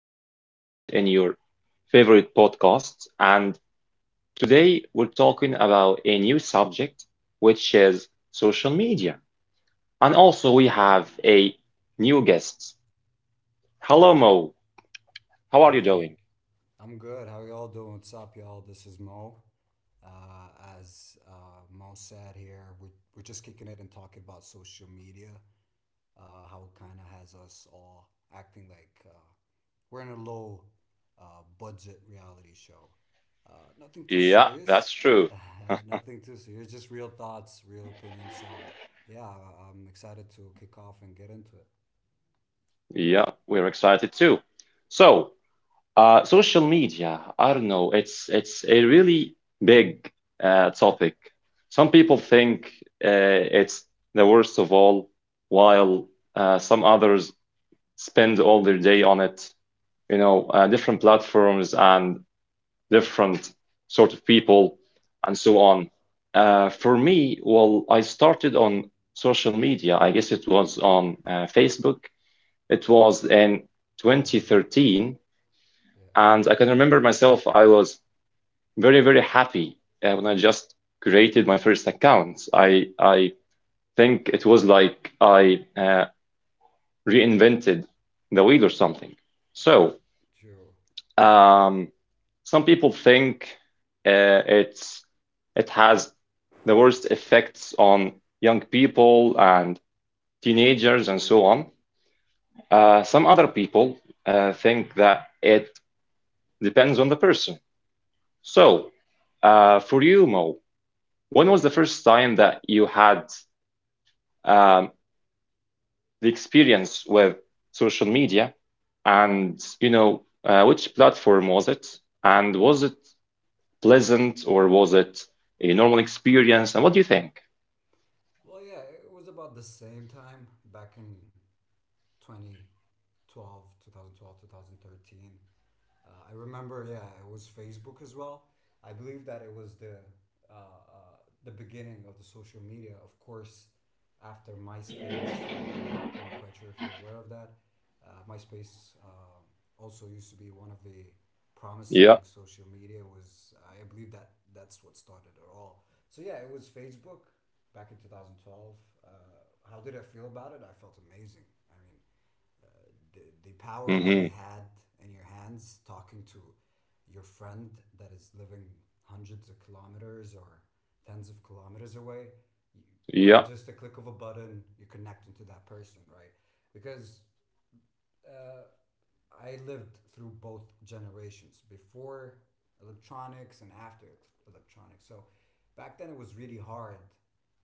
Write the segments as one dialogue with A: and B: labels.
A: This is Mohammed in your favorite podcast, and today we're talking about a new subject, which is social media. And also, we have a new guest. Hello, Mo. How are you
B: Hi,
A: doing?
B: I'm good. How y'all doing? What's up, y'all? This is Mo. Uh, as Mo said here, we're just kicking it and talking about social media, how it kind of has us all acting like we're in a low budget reality show. Nothing too
A: Yeah,
B: serious.
A: that's true.
B: Nothing too serious. Just real thoughts, real opinions. Yeah, I'm excited to kick off and get into it.
A: Yeah, we're excited too. So, Social media, I don't know, it's a really big topic. Some people think it's the worst of all, while some others spend all their day on it. Different platforms and different sort of people and so on. For me, well, I started on social media. I guess it was on Facebook. It was in
B: Yeah,
A: 2013,
B: yeah,
A: and I can remember myself, I was very, very happy when I just created my first account. I think it was like I reinvented the wheel or something. So
B: true.
A: um, some people think it's it has the worst effects on young people and teenagers and so on. Some other people think that it depends on the person. So for you, Mo, when was the first time that you had um, the experience with social media, and which platform was it, and was it pleasant or was it a normal experience, and what do you think?
B: Well, yeah, it was about the same time back in 2012. I remember, yeah, it was Facebook as well. I believe that it was uh, uh, the beginning of the social media. Of course, after MySpace, I'm not really quite sure if you're aware of that. MySpace also used to be one of the
A: Yeah.
B: promising social media. Was I believe that that's what started it all. So yeah, it was Facebook back in 2012. How did I feel about it? I felt amazing. I uh, the power that you
A: hmm
B: had in your hands talking to your friend that is living hundreds of kilometers or tens of kilometers away you, by
A: Yeah.
B: just a click of a button you're connecting to that person, right? Because I lived through both generations before electronics and after electronics. So back then it was really hard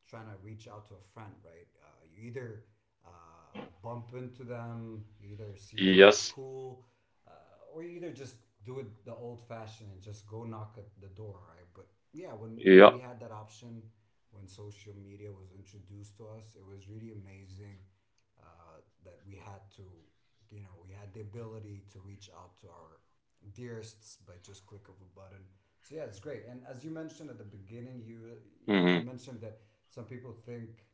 B: trying to reach out to a friend, right? You either bump into them, you either see them in the
A: Yes.
B: school, uh, or you either just do it the old fashioned and just go knock at the door, right? But yeah, when
A: Yeah.
B: we had that option, when social media was introduced to us, it was really amazing that we had to, you know, we had the ability to reach out to our dearests by just click of a button. So yeah, it's great. And as you mentioned at the beginning, you
A: hmm
B: mentioned that some people think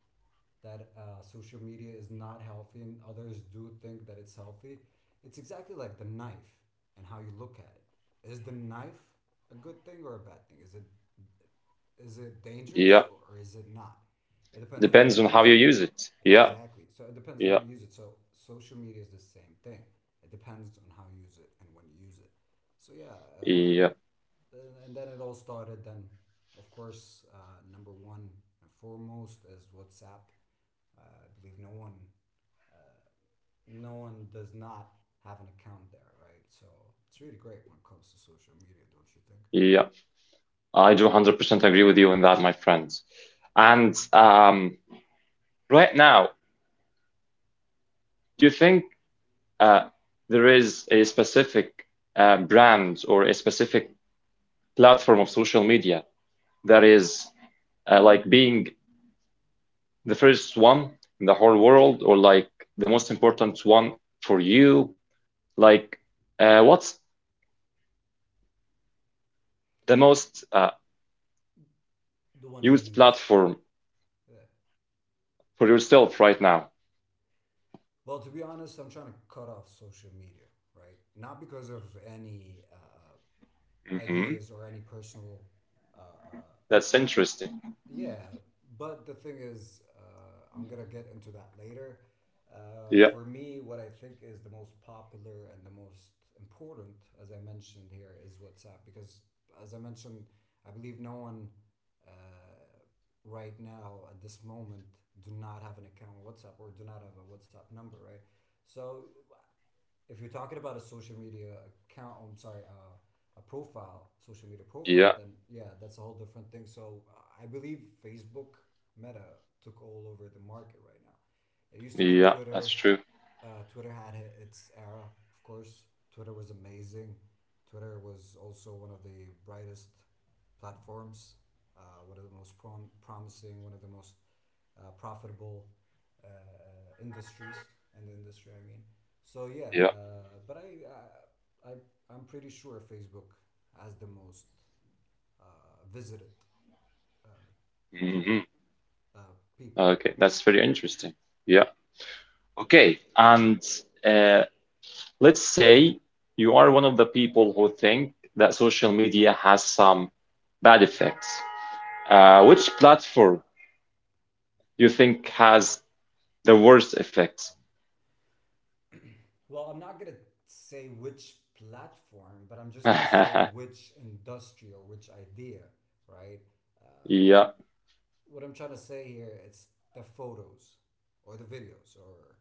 B: that social media is not healthy, and others do think that it's healthy. It's exactly like the knife and how you look at it. Is the knife a good thing or a bad thing? Is it dangerous
A: Yeah.
B: or is it not? It depends on how
A: Depends on
B: you
A: how
B: use
A: you
B: it.
A: use it. Yeah.
B: Exactly. So it depends on how
A: Yeah.
B: you use it. So social media is the same thing. It depends on how you use it and when you use it. So yeah,
A: Yeah.
B: and then it all started. Then, of course, number one and foremost is WhatsApp. I believe no one, uh, no one does not have an account there, right? So it's really great when it comes to social media, don't you think?
A: Yeah. I do 100% agree with you on that, my friends. And Right now, do you think uh, there is a specific brand or a specific platform of social media that is like being the first one in the whole world or like the most important one for you like what's the most
B: The one I
A: used
B: use.
A: platform
B: Yeah.
A: for yourself right now?
B: Well, to be honest, I'm trying to cut off social media, right? Not because of any
A: hmm
B: ideas or any personal, uh, uh,
A: that's interesting.
B: yeah. But the thing is, I'm gonna get into that later.
A: Yeah.
B: For me, what I think is the most popular and the most important, as I mentioned here, is WhatsApp because, as I mentioned, I believe no one uh, right now at this moment do not have an account on WhatsApp or do not have a WhatsApp number, right? So if you're talking about a social media I'm sorry, a profile, social media profile,
A: Yeah.
B: then yeah, that's a whole different thing. So I believe Facebook Meta took all over the market right now. It used to be
A: Yeah, that's
B: Twitter.
A: true.
B: Twitter had its era, of course. Twitter was amazing. Twitter was also one of the brightest platforms, one of the most promising, one of the most profitable uh, industries and industry, I mean. So yeah,
A: Yeah.
B: but I'm pretty sure Facebook has the most visited, uh, you know,
A: hmm
B: people.
A: okay, that's very interesting. Yeah. okay and uh, Let's say you are one of the people who think that social media has some bad effects. Which platform do you think has the worst effects?
B: Well, I'm not gonna say which platform, but I'm just gonna say which industry or which idea, right? Uh,
A: Yeah.
B: what I'm trying to say here, it's the photos or the videos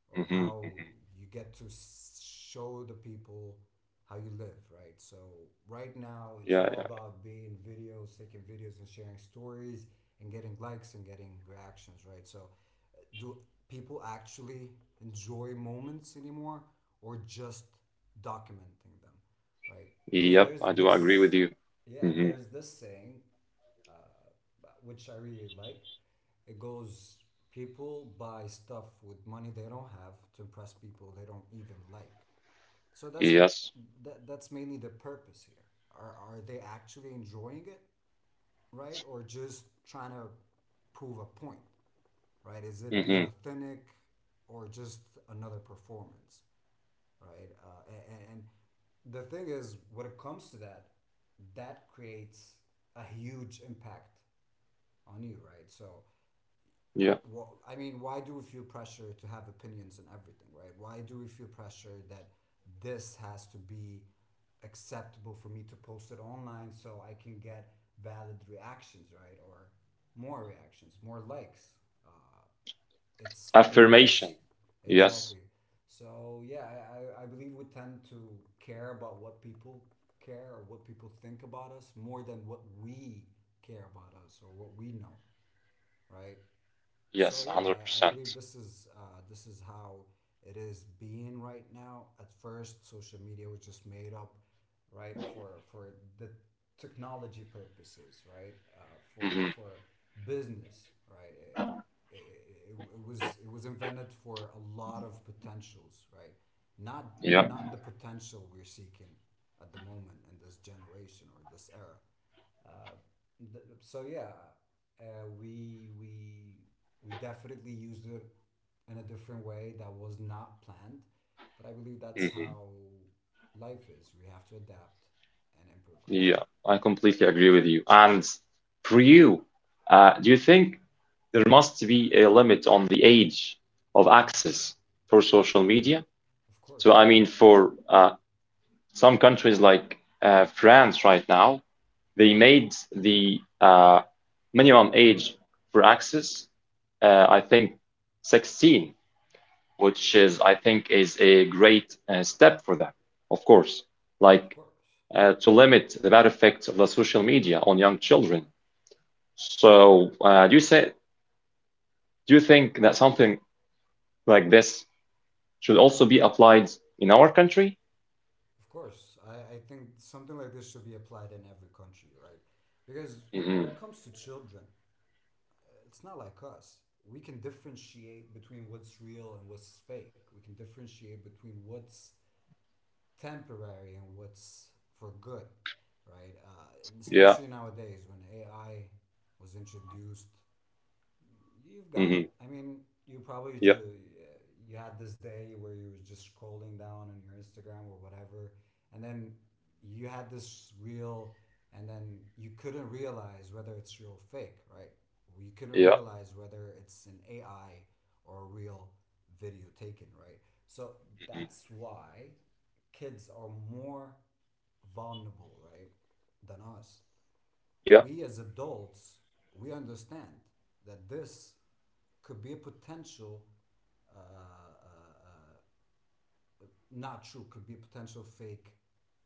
B: or
A: hmm
B: how you get to show the people how you live, right? So right now it's
A: Yeah,
B: all about being videos, taking videos and sharing stories and getting likes and getting reactions, right? So do people actually enjoy moments anymore or just documenting them, right? Because
A: yeah. Yep,
B: there's
A: I do agree with
B: this
A: you.
B: Yeah,
A: hmm
B: there's this saying which I really like. It goes people buy stuff with money they don't have to impress people they don't even like. So that's
A: Yes.
B: that that's mainly the purpose here. Are they actually enjoying it, right? Or just trying to prove a point, right? Is it
A: hmm
B: being authentic or just another performance, right? And the thing is, when it comes to that, that creates a huge impact on you, right? So,
A: Yeah.
B: well, I mean, why do we feel pressure to have opinions on everything, right? Why do we feel pressure that this has to be acceptable for me to post it online so I can get valid reactions, right? Or more reactions, more likes. It's more.
A: Affirmation. Yes.
B: Exactly. So yeah, I believe we tend to care about what people care or what people think about us more than what we care about us or what we know, right? So
A: Yes,
B: yeah, I
A: 100%.
B: believe
A: Percent
B: this is how it is being right now. At first, social media was just made up, right, for the technology purposes, right,
A: hmm
B: for business, right. It, it was invented for a lot of potentials, right? Not
A: Yeah.
B: not the potential we're seeking at the moment in this generation or this era. Uh, so yeah, uh, we we we definitely used it in a different way that was not planned, but I believe that's
A: hmm
B: how life is. We have to adapt and improvise.
A: Yeah, I completely agree with you. And for you, do you think there must be a limit on the age of access for social media?
B: Of
A: So,
B: course,
A: I mean, for some countries like France right now, they made the minimum age for access, I think, 16, which is, I think, is a great step for them, of course.
B: of
A: Like,
B: course,
A: to limit the bad effects of the social media on young children. So, do you think that something like this should also be applied in our country?
B: of course. I think something like this should be applied in every country, right? Because
A: hmm
B: when it comes to children, it's not like us. We can differentiate between what's real and what's fake. We can differentiate between what's temporary and what's for good, right?
A: Yeah.
B: Especially nowadays when AI was introduced you've got
A: hmm
B: it. I mean, you probably
A: Yeah.
B: you had this day where you were just scrolling down on your Instagram or whatever, and then you had this real, and then you couldn't realize whether it's real or fake, right? You couldn't
A: Yeah.
B: realize whether it's an AI or a real video taken, right? So
A: Mhm.
B: that's why kids are more vulnerable, right, than us
A: Yeah.
B: we as adults we understand that this could be a potential uh, uh, uh, not true, could be a potential fake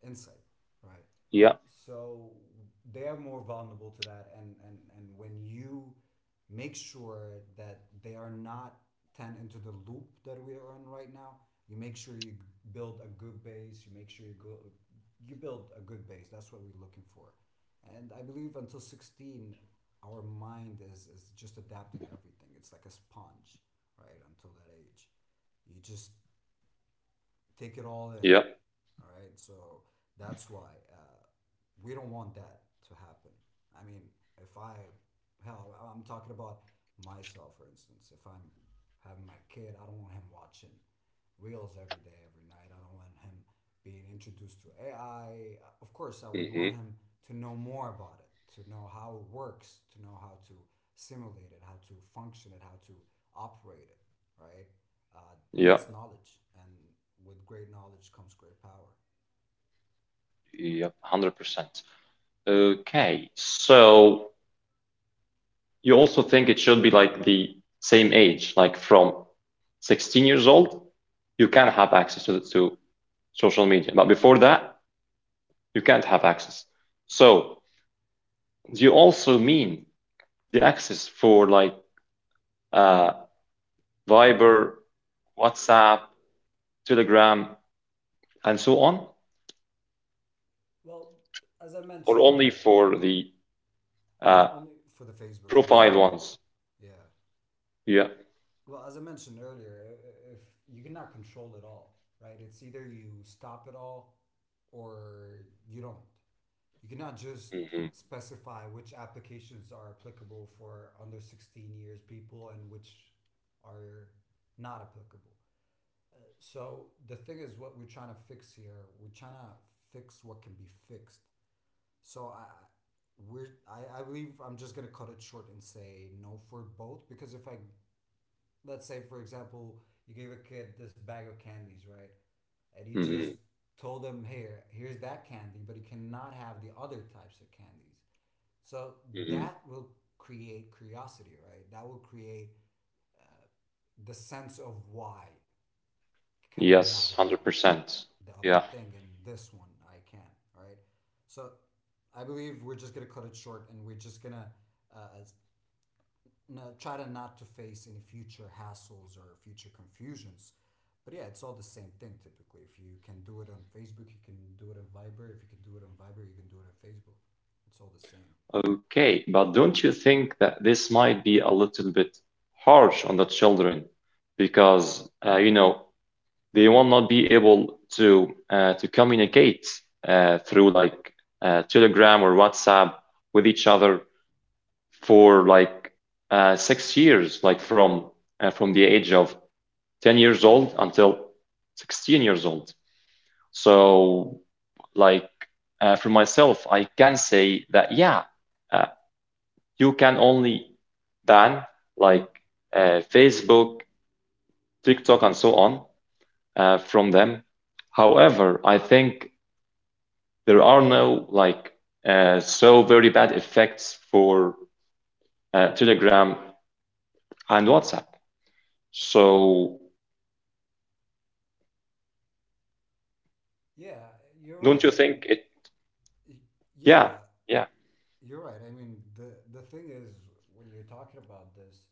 B: insight, right?
A: Yeah.
B: So they're more vulnerable to that, and when you make sure that they are not ten into the loop that we are in right now, you make sure you build a good base. You make sure you go, you build a good base. That's what we're looking for, and I believe until 16, our mind is just adapting everything. It's like a sponge, right? Until that age, you just take it all in.
A: Yeah.
B: All right. So that's why we don't want that to happen. I mean, if I, hell, I'm talking about myself, for instance. If I'm having my kid, I don't want him watching reels every day, every night. I don't want him being introduced to AI. Of course, I would want
A: hmm
B: him to know more about it, to know how it works, to know how to simulate it, how to function it, how to operate it, right? uh,
A: Yeah.
B: that's knowledge and with great knowledge comes great power.
A: Yeah. 100%. Okay. So you also think it should be like the same age, like from 16 years old, you can have access to social media. But before that, you can't have access. So do you also mean the access for like uh, Viber, WhatsApp, Telegram, and so on,
B: Well, as I
A: or
B: mentioned
A: only
B: earlier,
A: for the
B: yeah,
A: uh,
B: only for the facebook and
A: profile
B: instagram.
A: ones?
B: Yeah,
A: Yeah.
B: well as I mentioned earlier, if you cannot control it all, right? It's either you stop it all, or you don't. You cannot just
A: Mhm,
B: specify which applications are applicable for under 16 years people and which are not applicable. So the thing is, what we're trying to fix here, we're trying to fix what can be fixed. So I, I believe I'm just gonna cut it short and say no for both because if I let's say for example you gave a kid this bag of candies, right, and he just
A: mhm,
B: told him here here's that candy but he cannot have the other types of candies. So
A: mhm.
B: that will create curiosity, right. That will create the sense of why can I not
A: Yes,
B: have
A: 100%.
B: the other
A: Yeah.
B: thing and this one I can't, all right? So I believe we're just gonna cut it short and we're just gonna uh, no, try to not to face any future hassles or future confusions. But yeah, it's all the same thing typically. If you can do it on Facebook, you can do it on Viber. If you can do it on Viber, you can do it on Facebook. It's all the same.
A: Okay, but don't you think that this might be a little bit harsh on the children? Because, you know, they will not be able to communicate through like Telegram or WhatsApp with each other for like 6 years, like from the age of 10 years old until 16 years old. So, like for myself, I can say that yeah, uh, you can only ban like Facebook, TikTok, and so on from them. However, I think there are no like so very bad effects for Telegram and WhatsApp. So
B: Yeah, you're
A: don't
B: right.
A: you
B: I
A: think
B: mean,
A: it? Yeah,
B: yeah,
A: yeah.
B: you're right. I mean, the thing is when you're talking about this,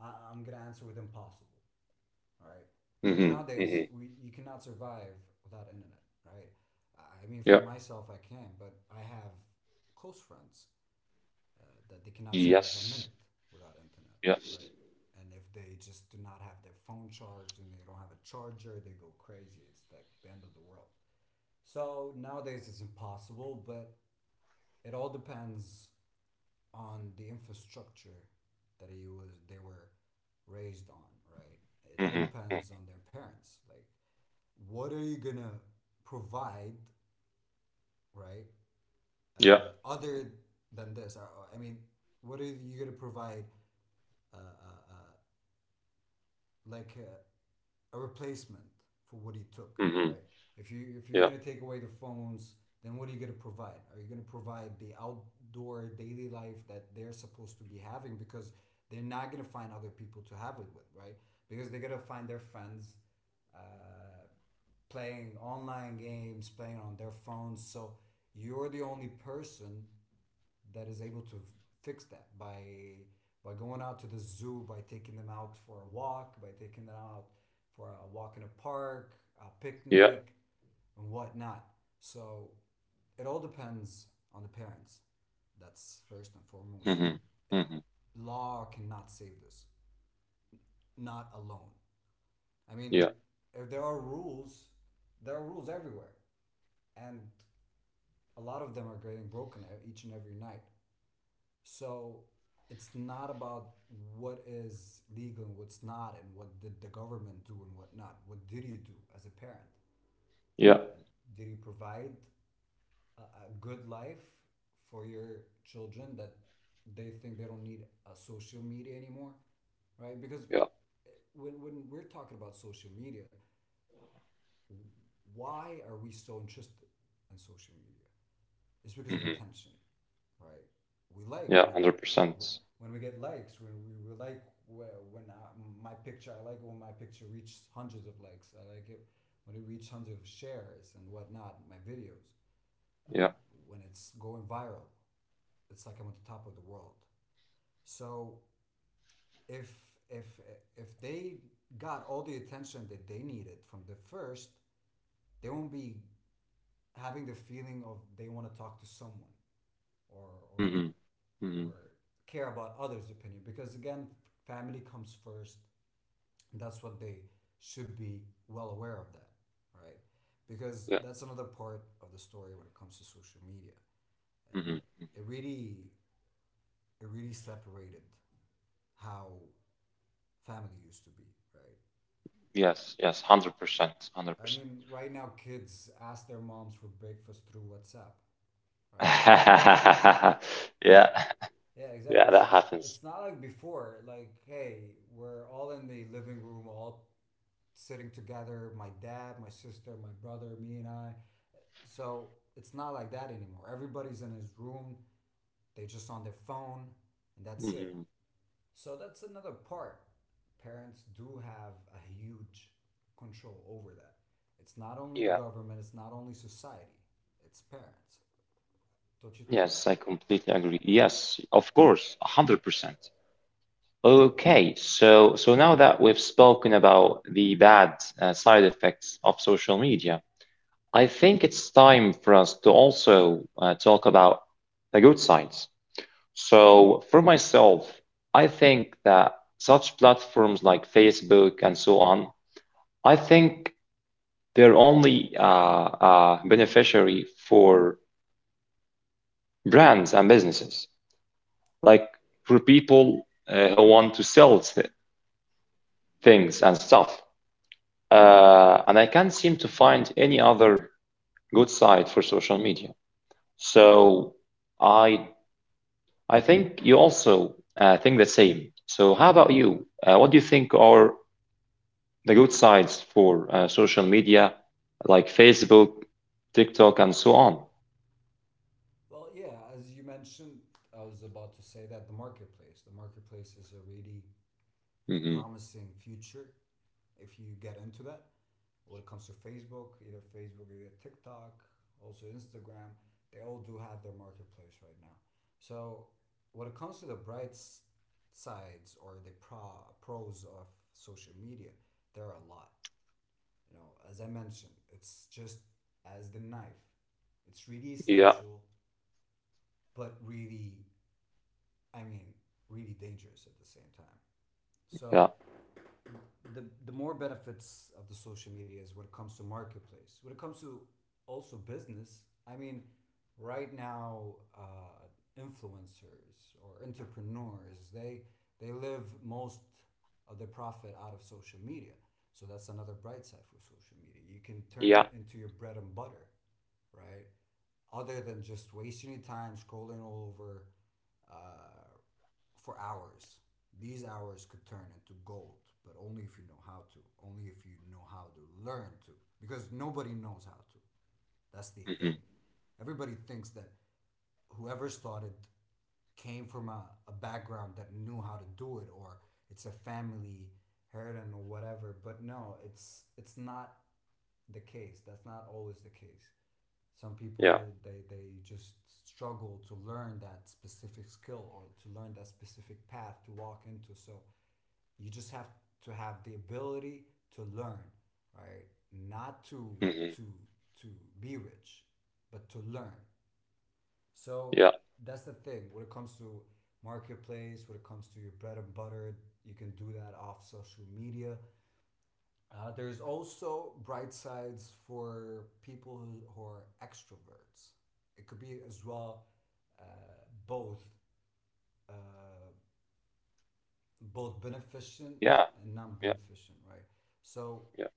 B: I'm gonna answer with impossible, right? Because
A: hmm
B: nowadays
A: hmm
B: we you cannot survive without internet, right? I mean, for
A: Yeah.
B: myself, I can, but I have close friends uh, that they cannot survive a
A: Yes.
B: minute without internet,
A: Yes.
B: right? And if they just do not have their phone charged and they don't have a charger, they go crazy. It's like the end of the world. So nowadays it's impossible, but it all depends on the infrastructure that he was they were raised on, right? It all
A: hmm
B: depends on their parents. Like, what are you gonna provide, right?
A: Yeah.
B: Other than this, I mean, what are you gonna provide? Uh, uh, uh, like a replacement for what he took,
A: hmm
B: right? If you're
A: Yeah.
B: gonna take away the phones, then what are you gonna provide? Are you gonna provide the outdoor daily life that they're supposed to be having because they're not gonna find other people to have it with, right? Because they're gonna find their friends uh, playing online games, playing on their phones. So you're the only person that is able to fix that by going out to the zoo, by taking them out for a walk, by taking them out for a walk in a park, a
A: Yeah.
B: picnic, and whatnot. So it all depends on the parents. That's first and foremost.
A: hmm
B: It,
A: hmm
B: Law cannot save this, not alone. I
A: Yeah.
B: mean, if there are rules, there are rules everywhere, and a lot of them are getting broken each and every night. So it's not about what is legal and what's not, and what did the government do and what not. What did you do as a parent?
A: Yeah.
B: Did you provide a good life for your children that they think they don't need a social media anymore, right? Because
A: Yeah.
B: when we're talking about social media, why are we so interested in social media? It's because of
A: hmm
B: attention, right? We like
A: Yeah. Hundred percent.
B: when we get likes. When my picture, I like when my picture reaches hundreds of likes. I like it when it reaches hundreds of shares and whatnot. My videos,
A: Yeah.
B: uh, when it's going viral, it's like I'm at the top of the world. So if if if they got all the attention that they needed from the first, they won't be having the feeling of they want to talk to someone or or
A: hmm hmm
B: or care about others' opinion because again, family comes first. That's what they should be well aware of that, right? Because
A: Yeah.
B: that's another part of the story when it comes to social media.
A: hmm
B: It really it really separated how family used to be, right?
A: Yes. Yes. 100%. Hundred
B: I
A: percent.
B: mean, right now kids ask their moms for breakfast through WhatsApp, right? Yeah.
A: Yeah.
B: Yeah, exactly.
A: Yeah. That
B: So
A: happens.
B: it's not like before, like, hey, we're all in the living room, all sitting together, my dad, my sister, my brother, me and I. So it's not like that anymore. Everybody's in his room, they just on their phone, and that's it.
A: Mhm.
B: So that's another part. Parents do have a huge control over that. It's not only the
A: Yeah,
B: government, it's not only society, it's parents. Don't you think
A: yes,
B: that?
A: I completely agree. Yes, of course, 100%.
B: Like, uh,
A: Okay, so so now that we've spoken about the bad side effects of social media, I think it's time for us to also talk about the good sides. So for myself, I think that such platforms like Facebook and so on, I think they're only beneficiary for brands and businesses. Like for people who want to sell things and stuff. And I can't seem to find any other good site for social media. So I I think you also think the same. So how about you? What do you think are the good sites for social media, like Facebook, TikTok, and so on?
B: Well, yeah, as you mentioned, I was about to say that the marketplace is a really
A: hmm
B: promising future if you get into that. When it comes to Facebook, either Facebook or TikTok, also Instagram, they all do have their marketplace right now. So when it comes to the bright sides or the pros of social media, there are a lot. You know, as I mentioned, it's just as the knife. It's really
A: Yeah,
B: essential, but really I mean, really dangerous at the same time. So
A: yeah,
B: the more benefits of the social media is when it comes to marketplace. When it comes to also business, I mean, right now influencers or entrepreneurs they live most of their profit out of social media. So that's another bright side for social media. You can turn
A: yeah,
B: it into your bread and butter, right? Other than just wasting your time scrolling all over uh, for hours. These hours could turn into gold, but only if you know how to. Only if you know how to learn to. Because nobody knows how to. That's the thing.
A: hmm
B: Everybody thinks that whoever started came from a background that knew how to do it or it's a family heritage or whatever. But no, it's not the case. That's not always the case. Some
A: yeah,
B: people they just struggle to learn that specific skill or to learn that specific path to walk into. So you just have to have the ability to learn, right? Not to
A: hmm
B: to to be rich, but to learn. So
A: yeah,
B: that's the thing when it comes to marketplace, when it comes to your bread and butter, you can do that off social media. There's also bright sides for people who are extroverts. It could be as well uh, both uh, both beneficent
A: yeah,
B: and
A: yeah,
B: non-beneficent, right? So
A: yeah.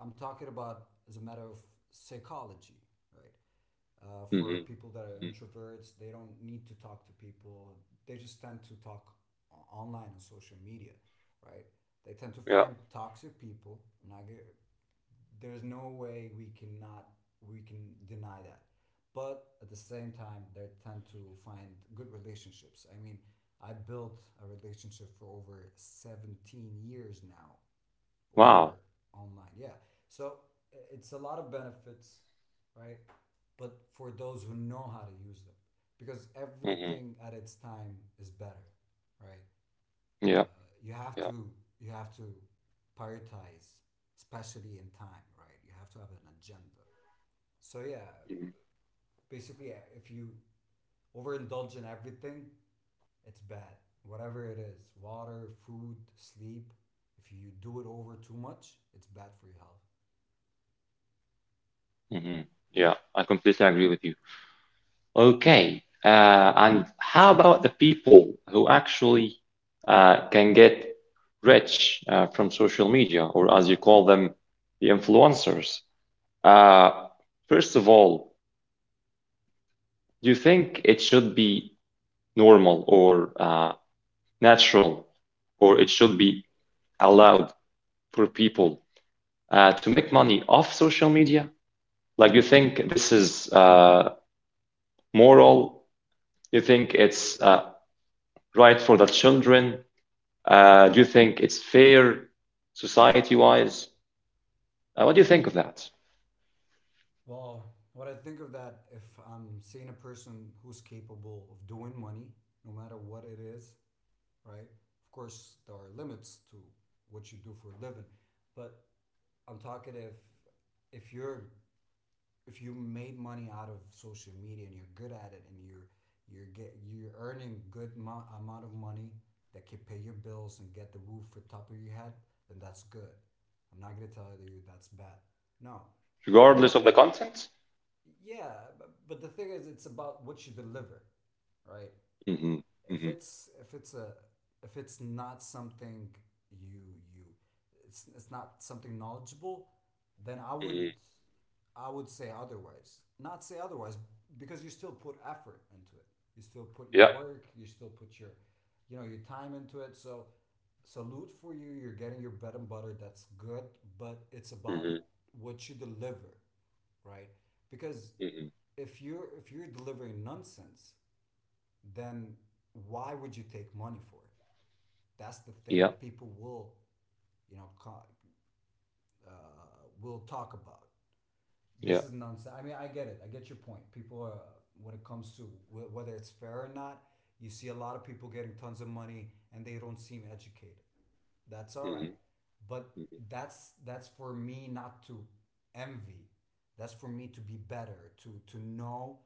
B: I'm talking about as a matter of psychology, right? For
A: hmm
B: people that are introverts, they don't need to talk to people. They just tend to talk online on social media, right? They tend to
A: yeah.
B: find toxic people. I'm not There's no way we cannot we can deny that, but at the same time they tend to find good relationships. I mean, I built a relationship for over 17 years now,
A: Wow.
B: over online. Yeah. So it's a lot of benefits, right? But for those who know how to use them, because
A: hmm
B: everything at its time is better, right? uh,
A: Yeah,
B: you have
A: yeah,
B: to you have to prioritize, especially in time, right? You have to have an agenda. So yeah, basically, yeah, if you overindulge in everything, it's bad. Whatever it is, water, food, sleep. If you do it over too much, it's bad for your health.
A: mm-hmm. Yeah, I completely agree with you. Okay, and how about the people who actually can get rich from social media, or as you call them, the influencers? Uh, First of all, do you think it should be normal or natural, or it should be allowed for people to make money off social media? Like, you think this is moral? Do you think it's right for the children? Do you think it's fair society-wise? What do you think of that,
B: Well, what I think of that, if I'm seeing a person who's capable of doing money, no matter what it is, right? Of course, there are limits to what you do for a living, but I'm talking if you're if you made money out of social media and you're good at it and you're earning good amount of money that can pay your bills and get the roof on top of your head, then that's good. I'm not gonna tell you that's bad. No, and
A: regardless of the
B: I
A: content?
B: yeah, but the thing is, it's about what you deliver, right?
A: Mm-hmm. Mm-hmm.
B: If it's a if it's not something you you it's not something knowledgeable, then
A: Mm-hmm.
B: I would say otherwise. Not say otherwise because you still put effort into it. You still put your
A: Yeah.
B: work, you still put your you know, your time into it. So salute for you. You're getting your bread and butter. That's good, but it's about
A: Mm-hmm.
B: what you deliver, right? Because
A: Mm-hmm.
B: if you're delivering nonsense, then why would you take money for it? That's the thing
A: Yeah.
B: people will, you know, uh, will talk about.
A: Yeah.
B: This is nonsense. I mean, I get it. I get your point. People are, when it comes to whether it's fair or not, you see a lot of people getting tons of money and they don't seem educated. That's all
A: Mm-hmm.
B: right. But
A: Mm-hmm.
B: that's for me not to envy. That's for me to be better, to know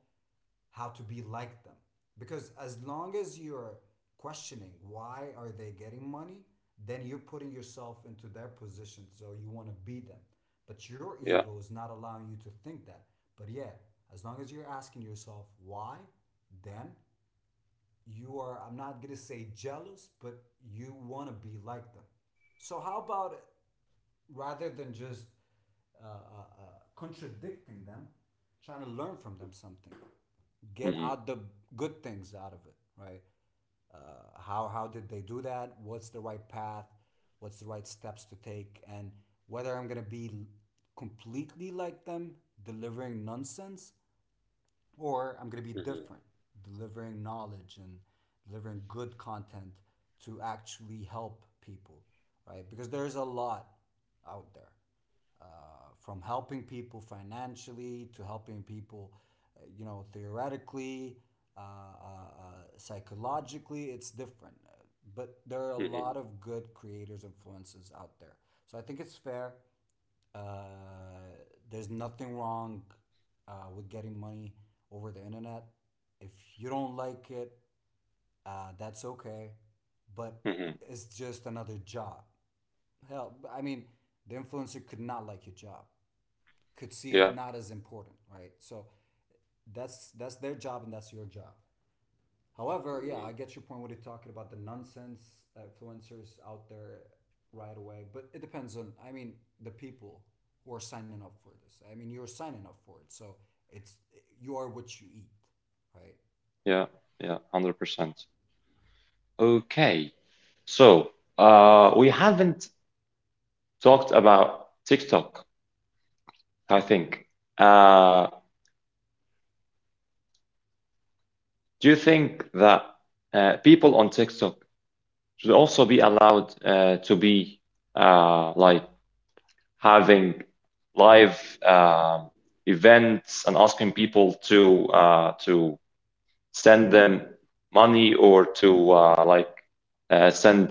B: how to be like them because as long as you're questioning why are they getting money, then you're putting yourself into their position, so you want to be them, but your
A: Yeah.
B: ego is not allowing you to think that. But yeah, as long as you're asking yourself why, then you are, I'm not going to say jealous, but you want to be like them. So how about rather than just contradicting them, trying to learn from them something, get
A: Mm-hmm.
B: out the good things out of it, right? How did they do that? What's the right path? What's the right steps to take? And whether I'm gonna be completely like them, delivering nonsense, or I'm going to be
A: Mm-hmm.
B: different, delivering knowledge and delivering good content to actually help people, right? Because there's a lot out there, from helping people financially to helping people, you know, theoretically, psychologically, it's different. But there are a
A: Mm-hmm.
B: lot of good creators, influences out there. So I think it's fair. uh, there's nothing wrong with getting money over the internet. If you don't like it, that's okay. But
A: Mm-hmm.
B: it's just another job. Hell, I mean, the influencer could not like your job, could see it
A: Yeah.
B: not as important, right? So that's their job and that's your job. However, yeah,
A: Mm-hmm.
B: I get your point. What you're talking about the nonsense influencers out there right away, but it depends on. I mean, the people who are signing up for this. I mean, you're signing up for it, so it's you are what you eat, right?
A: Yeah. Yeah. 100%. Okay. So we haven't talked about TikTok, I think. Uh, Do you think that people on TikTok should also be allowed to be like having live uh, events and asking people to send them money or to like send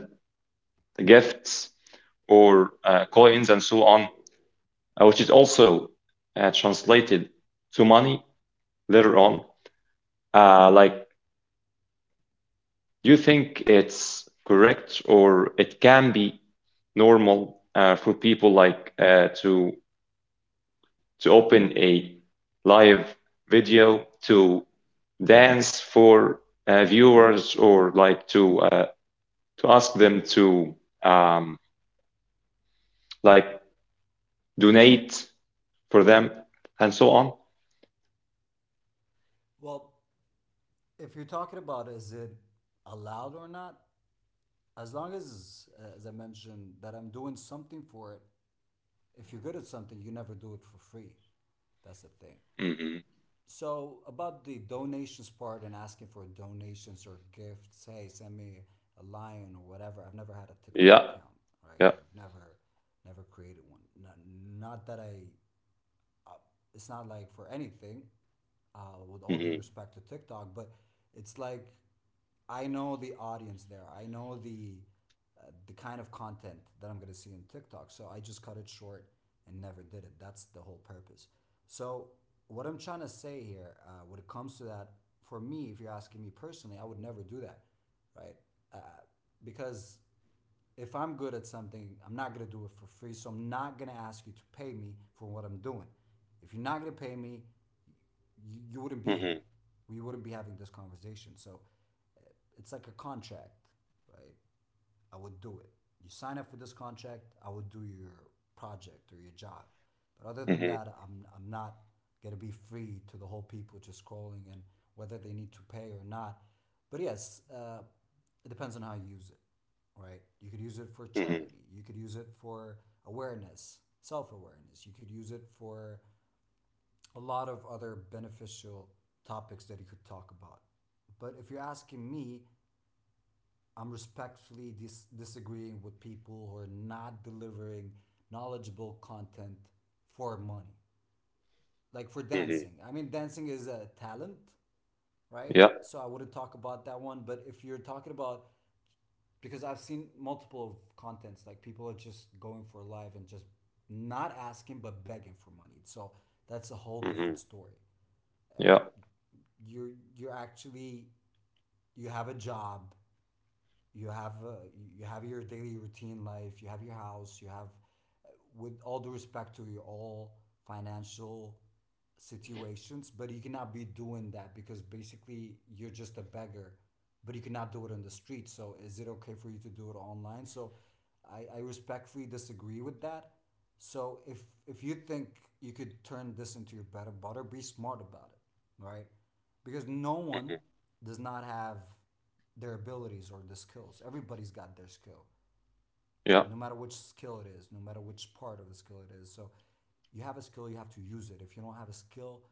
A: gifts or coins and so on, which is also translated to money later on. Like, do you think it's correct or it can be normal for people like to open a live video to dance for viewers or like to ask them to um, like donate for them and so on?
B: Well, if you're talking about is it allowed or not, as long as I mentioned, that I'm doing something for it. If you're good at something, you never do it for free. That's the thing.
A: hmm
B: So about the donations part and asking for donations or gifts, hey, send me a lion or whatever. I've never had a TikTok
A: Yeah,
B: account, right?
A: yeah.
B: I've never, never created one. Not that I it's not like for anything, with all
A: hmm
B: due respect to TikTok, but it's like I know the audience there. I know the kind of content that I'm gonna see in TikTok. So I just cut it short and never did it. That's the whole purpose. So what I'm trying to say here, when it comes to that, for me, if you're asking me personally, I would never do that, right? Uh, because if I'm good at something, I'm not gonna do it for free. So I'm not gonna ask you to pay me for what I'm doing. If you're not gonna pay me, you wouldn't be here.
A: hmm
B: We wouldn't be having this conversation. So it's like a contract, right? I would do it. You sign up for this contract, I would do your project or your job. But other than
A: hmm
B: that, I'm not going to be free to the whole people just scrolling and whether they need to pay or not. But yes, it depends on how you use it, right? You could use it for
A: hmm
B: charity, you could use it for awareness, self awareness, you could use it for a lot of other beneficial topics that you could talk about. But if you're asking me, I'm respectfully disagreeing with people who are not delivering knowledgeable content for money. Like for dancing.
A: hmm
B: I mean, dancing is a talent, right?
A: Yeah.
B: So I wouldn't talk about that one. But if you're talking about, because I've seen multiple contents, like people are just going for live and just not asking but begging for money. So that's a whole
A: hmm
B: different story.
A: Yeah.
B: You're actually you have a job, you have your daily routine life, you have your house, you have with all due respect to your all financial situations, but you cannot be doing that because basically you're just a beggar, but you cannot do it on the street, so is it okay for you to do it online? So I respectfully disagree with that. So if you think you could turn this into your better butter, be smart about it, right? Because no
A: hmm
B: one does not have their abilities or the skills. Everybody's got their skill,
A: Yeah.
B: no matter which skill it is, no matter which part of the skill it is. So you have a skill, you have to use it. If you don't have a skill,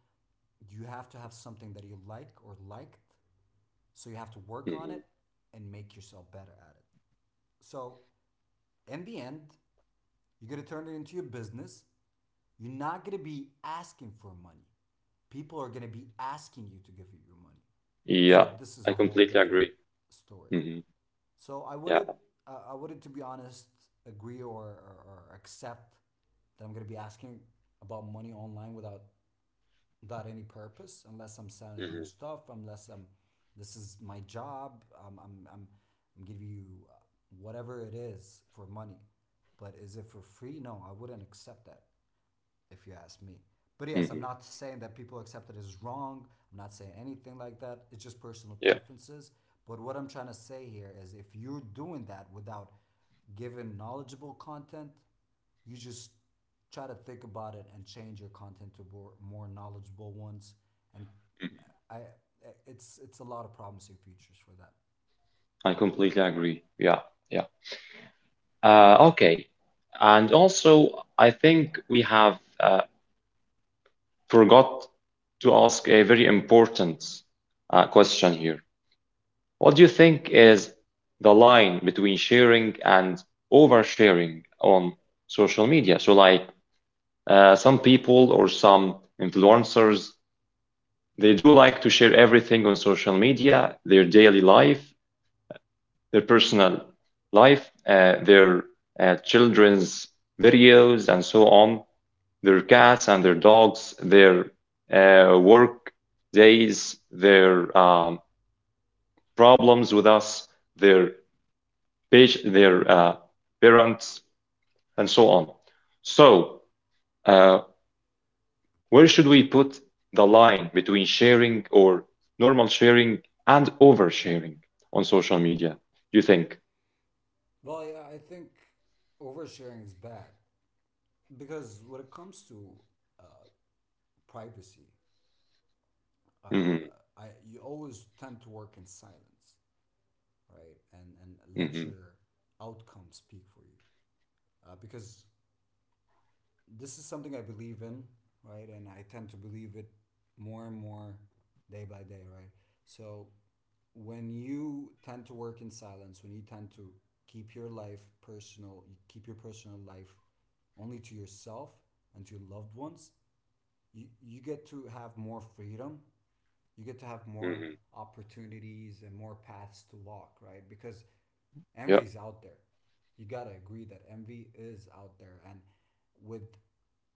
B: you have to have something that you like or liked. So you have to work on
A: Mm-hmm.
B: it and make yourself better at it. So in the end, you're gonna turn it into your business. You're not gonna be asking for money. People are gonna be asking you to give you your money.
A: Yeah,
B: So this is
A: I
B: a whole
A: completely
B: different
A: agree.
B: story.
A: hmm
B: So
A: Yeah.
B: I wouldn't, to be honest, agree or accept that I'm gonna be asking about money online without without any purpose, unless I'm selling
A: hmm
B: you stuff, unless I'm, this is my job, I'm giving you whatever it is for money. But is it for free? No, I wouldn't accept that if you ask me. But yes, I'm
A: hmm
B: not saying that people accept it as wrong. I'm not saying anything like that. It's just personal
A: Yeah,
B: preferences. But what I'm trying to say here is if you're doing that without giving knowledgeable content, you just try to think about it and change your content to more, more knowledgeable ones. And
A: mhm.
B: I, it's a lot of promising futures for that.
A: I completely agree. Yeah, yeah. Okay. And also, I think we have forgot to ask a very important question here. What do you think is the line between sharing and oversharing on social media? So, like some people or some influencers, they do like to share everything on social media, their daily life, their personal life, their children's videos, and so on, their cats and their dogs, their work days, their problems with us, their their parents, and so on. So, uh, where should we put the line between sharing or normal sharing and oversharing on social media? You think?
B: Well, yeah, I think oversharing is bad because when it comes to uh, privacy,
A: hmm
B: I you always tend to work in silence, right? And let
A: hmm
B: your outcome speak for you, because this is something I believe in, right? And I tend to believe it more and more day by day, right? So when you tend to work in silence, when you tend to keep your life personal, you keep your personal life only to yourself and to your loved ones, you get to have more freedom, you get to have more
A: hmm
B: opportunities and more paths to walk, right? Because
A: Yeah.
B: envy is out there. You gotta agree that envy is out there, and with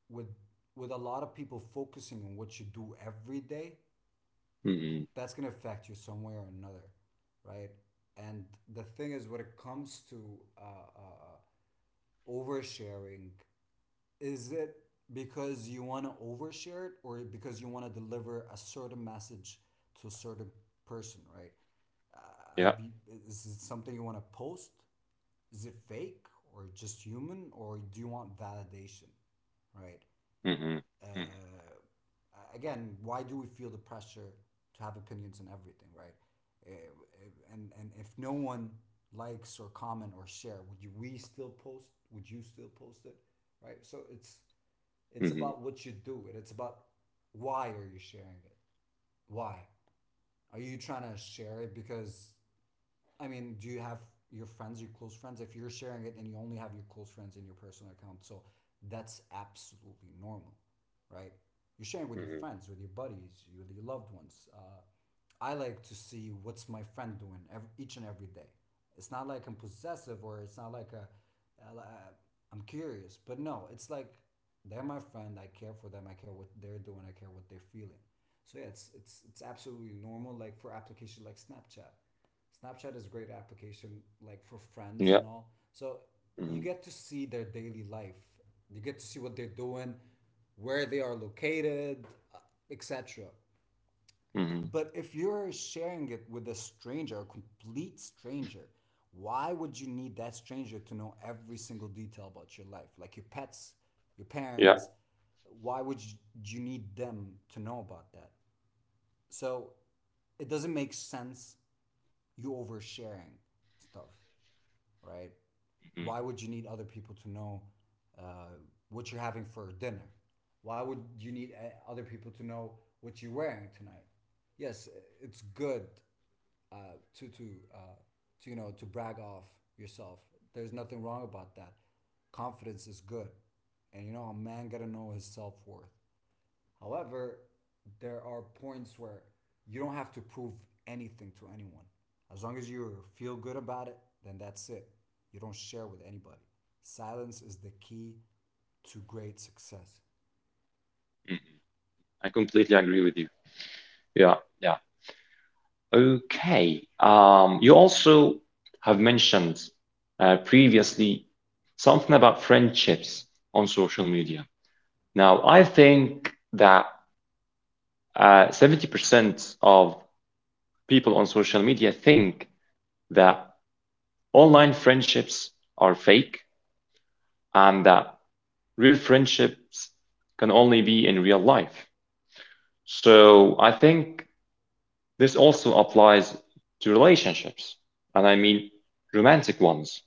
B: with with a lot of people focusing on what you do every day,
A: hmm
B: that's gonna affect you some way or another, right? And the thing is, when it comes to uh, uh, oversharing, is it because you want to overshare it or because you want to deliver a certain message to a certain person, right?
A: Yeah.
B: Have you is it something you want to post, is it fake or just human, or do you want validation, right?
A: hmm hmm
B: Again, why do we feel the pressure to have opinions and everything, right? And if no one likes or comment or share, would you we still post, would you still post it, right? So it's
A: hmm
B: about what you do it. It's about why are you sharing it? Why? Are you trying to share it because I mean, do you have your friends, your close friends? If you're sharing it and you only have your close friends in your personal account, so that's absolutely normal, right? You're sharing with your
A: hmm
B: friends, with your buddies, with your loved ones. I like to see what's my friend doing ev each and every day. It's not like I'm possessive or it's not like a, I'm curious, but no, it's like they're my friend. I care for them. I care what they're doing. I care what they're feeling. So yeah, it's absolutely normal. Like for application like Snapchat, Snapchat is a great application like for
A: Yeah.
B: friends and all. So
A: hmm
B: you get to see their daily life. You get to see what they're doing, where they are located, etc.
A: hmm
B: But if you're sharing it with a stranger, a complete stranger, why would you need that stranger to know every single detail about your life? Like your pets, your
A: Yeah.
B: parents, why would you need them to know about that? So it doesn't make sense you oversharing stuff, right? Why
A: hmm
B: would you need other people to know uh, what you're having for dinner? Why would you need other people to know what you're wearing tonight? Yes, it's good uh, to to uh, to you know to brag off yourself. There's nothing wrong about that. Confidence is good, and you know a man gotta know his self worth. However, there are points where you don't have to prove anything to anyone. As long as you feel good about it, then that's it. You don't share with anybody. Silence is the key to great success.
A: hmm I completely agree with you. Yeah. Yeah. Okay. You also have mentioned previously something about friendships on social media. Now, I think that 70% of people on social media think that online friendships are fake and that real friendships can only be in real life. So I think this also applies to relationships, and I mean romantic ones.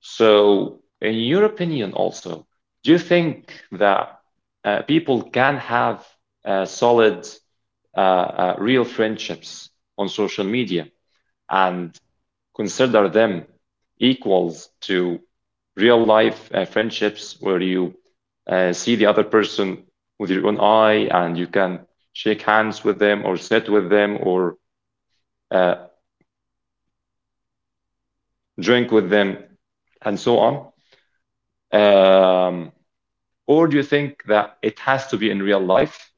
A: So, in your opinion, also, do you think that people can have solid, real friendships on social media? And consider them equals to real life friendships where you see the other person with your own eye and you can shake hands with them or sit with them or uh, drink with them and so on? Um, or do you think that it has to be in real life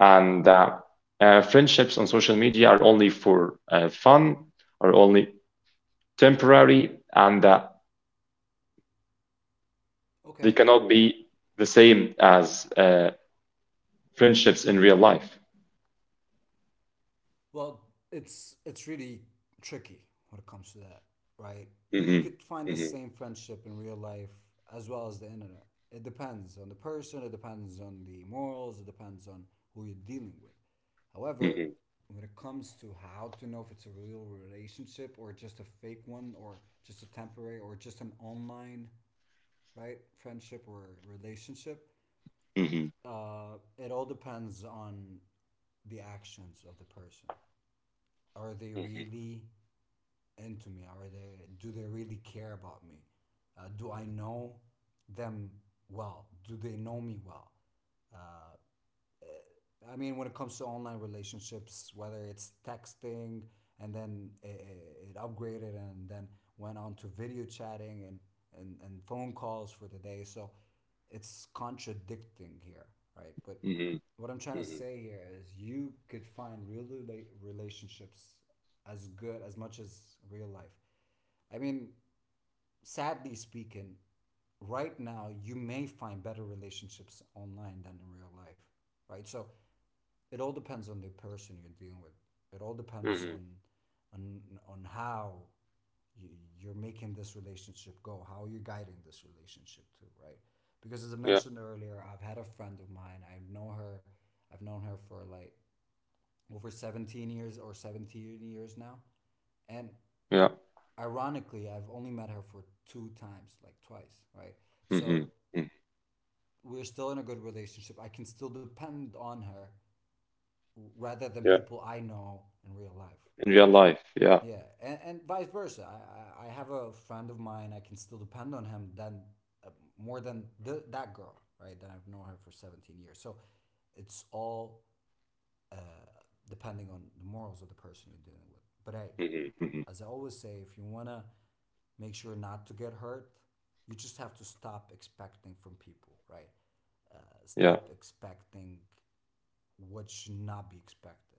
A: and that friendships on social media are only for fun, are only temporary, and that they
B: Okay,
A: cannot be the same as friendships in real life?
B: well, it's really tricky when it comes to that, right? You
A: Mhm.
B: could find the
A: Mhm.
B: same friendship in real life as well as the internet. It depends on the person, it depends on the morals, it depends on who you're dealing with. However,
A: Mhm.
B: when it comes to how to know if it's a real relationship or just a fake one or just a temporary or just an online, right, friendship or relationship,
A: Mhm.
B: it all depends on the actions of the person, are they
A: Mhm.
B: really into me? Are they do they really care about me? Do I know them well? Do they know me well? I mean, when it comes to online relationships, whether it's texting and then it upgraded and then went on to video chatting and phone calls for the day. So it's contradicting here, right? But
A: Mhm.
B: what I'm trying to
A: Mhm.
B: say here is you could find real relationships as good as much as real life. I mean, sadly speaking, right now you may find better relationships online than in real life, right? So it all depends on the person you're dealing with. It all depends
A: Mhm.
B: on on how you're making this relationship go, how you're guiding this relationship too, right? Because as I
A: Yeah.
B: mentioned earlier, I've had a friend of mine. I know her. I've known her for like over 17 years or 17 years now. And
A: Yeah.
B: ironically, I've only met her for two times, like twice, right?
A: Mhm.
B: So
A: Mhm.
B: we're still in a good relationship. I can still depend on her rather than
A: Yeah.
B: people I know in real life,
A: In real
B: right?
A: life, yeah.
B: Yeah, and vice versa. I have a friend of mine. I can still depend on him than uh, more than that girl, right? That I've known her for 17 years. So it's all depending on the morals of the person you're dealing with. But hey,
A: Mhm. Mhm.
B: as I always say, if you wanna make sure not to get hurt, you just have to stop expecting from people, right? Uh,
A: Yeah.
B: Stop expecting what should not be expected.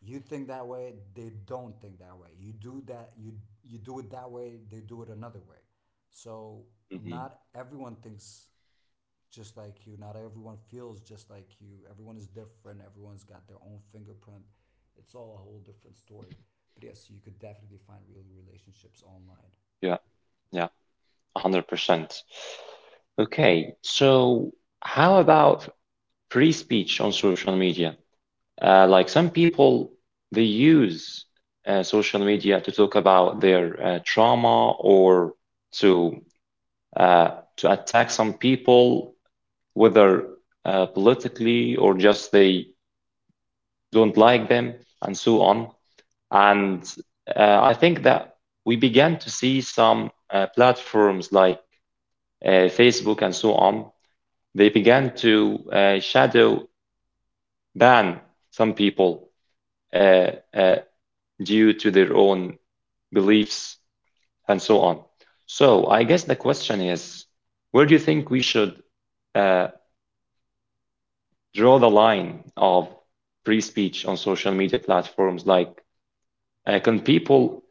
B: You think that way, they don't think that way. You do that, you do it that way, they do it another way. So
A: Mhm.
B: not everyone thinks just like you, not everyone feels just like you. Everyone is different, everyone's got their own fingerprint. It's all a whole different story, but yes, you could definitely find real relationships online.
A: Yeah, yeah, 100%. Okay, so how about free speech on social media? Like some people, they use social media to talk about their trauma or to uh, to attack some people, whether politically or just they don't like them, and so on. And I think that we began to see some platforms like Facebook and so on, they began to shadow ban some people uh, uh, due to their own beliefs and so on. So I guess the question is, where do you think we should uh, draw the line of free speech on social media platforms? Like, can people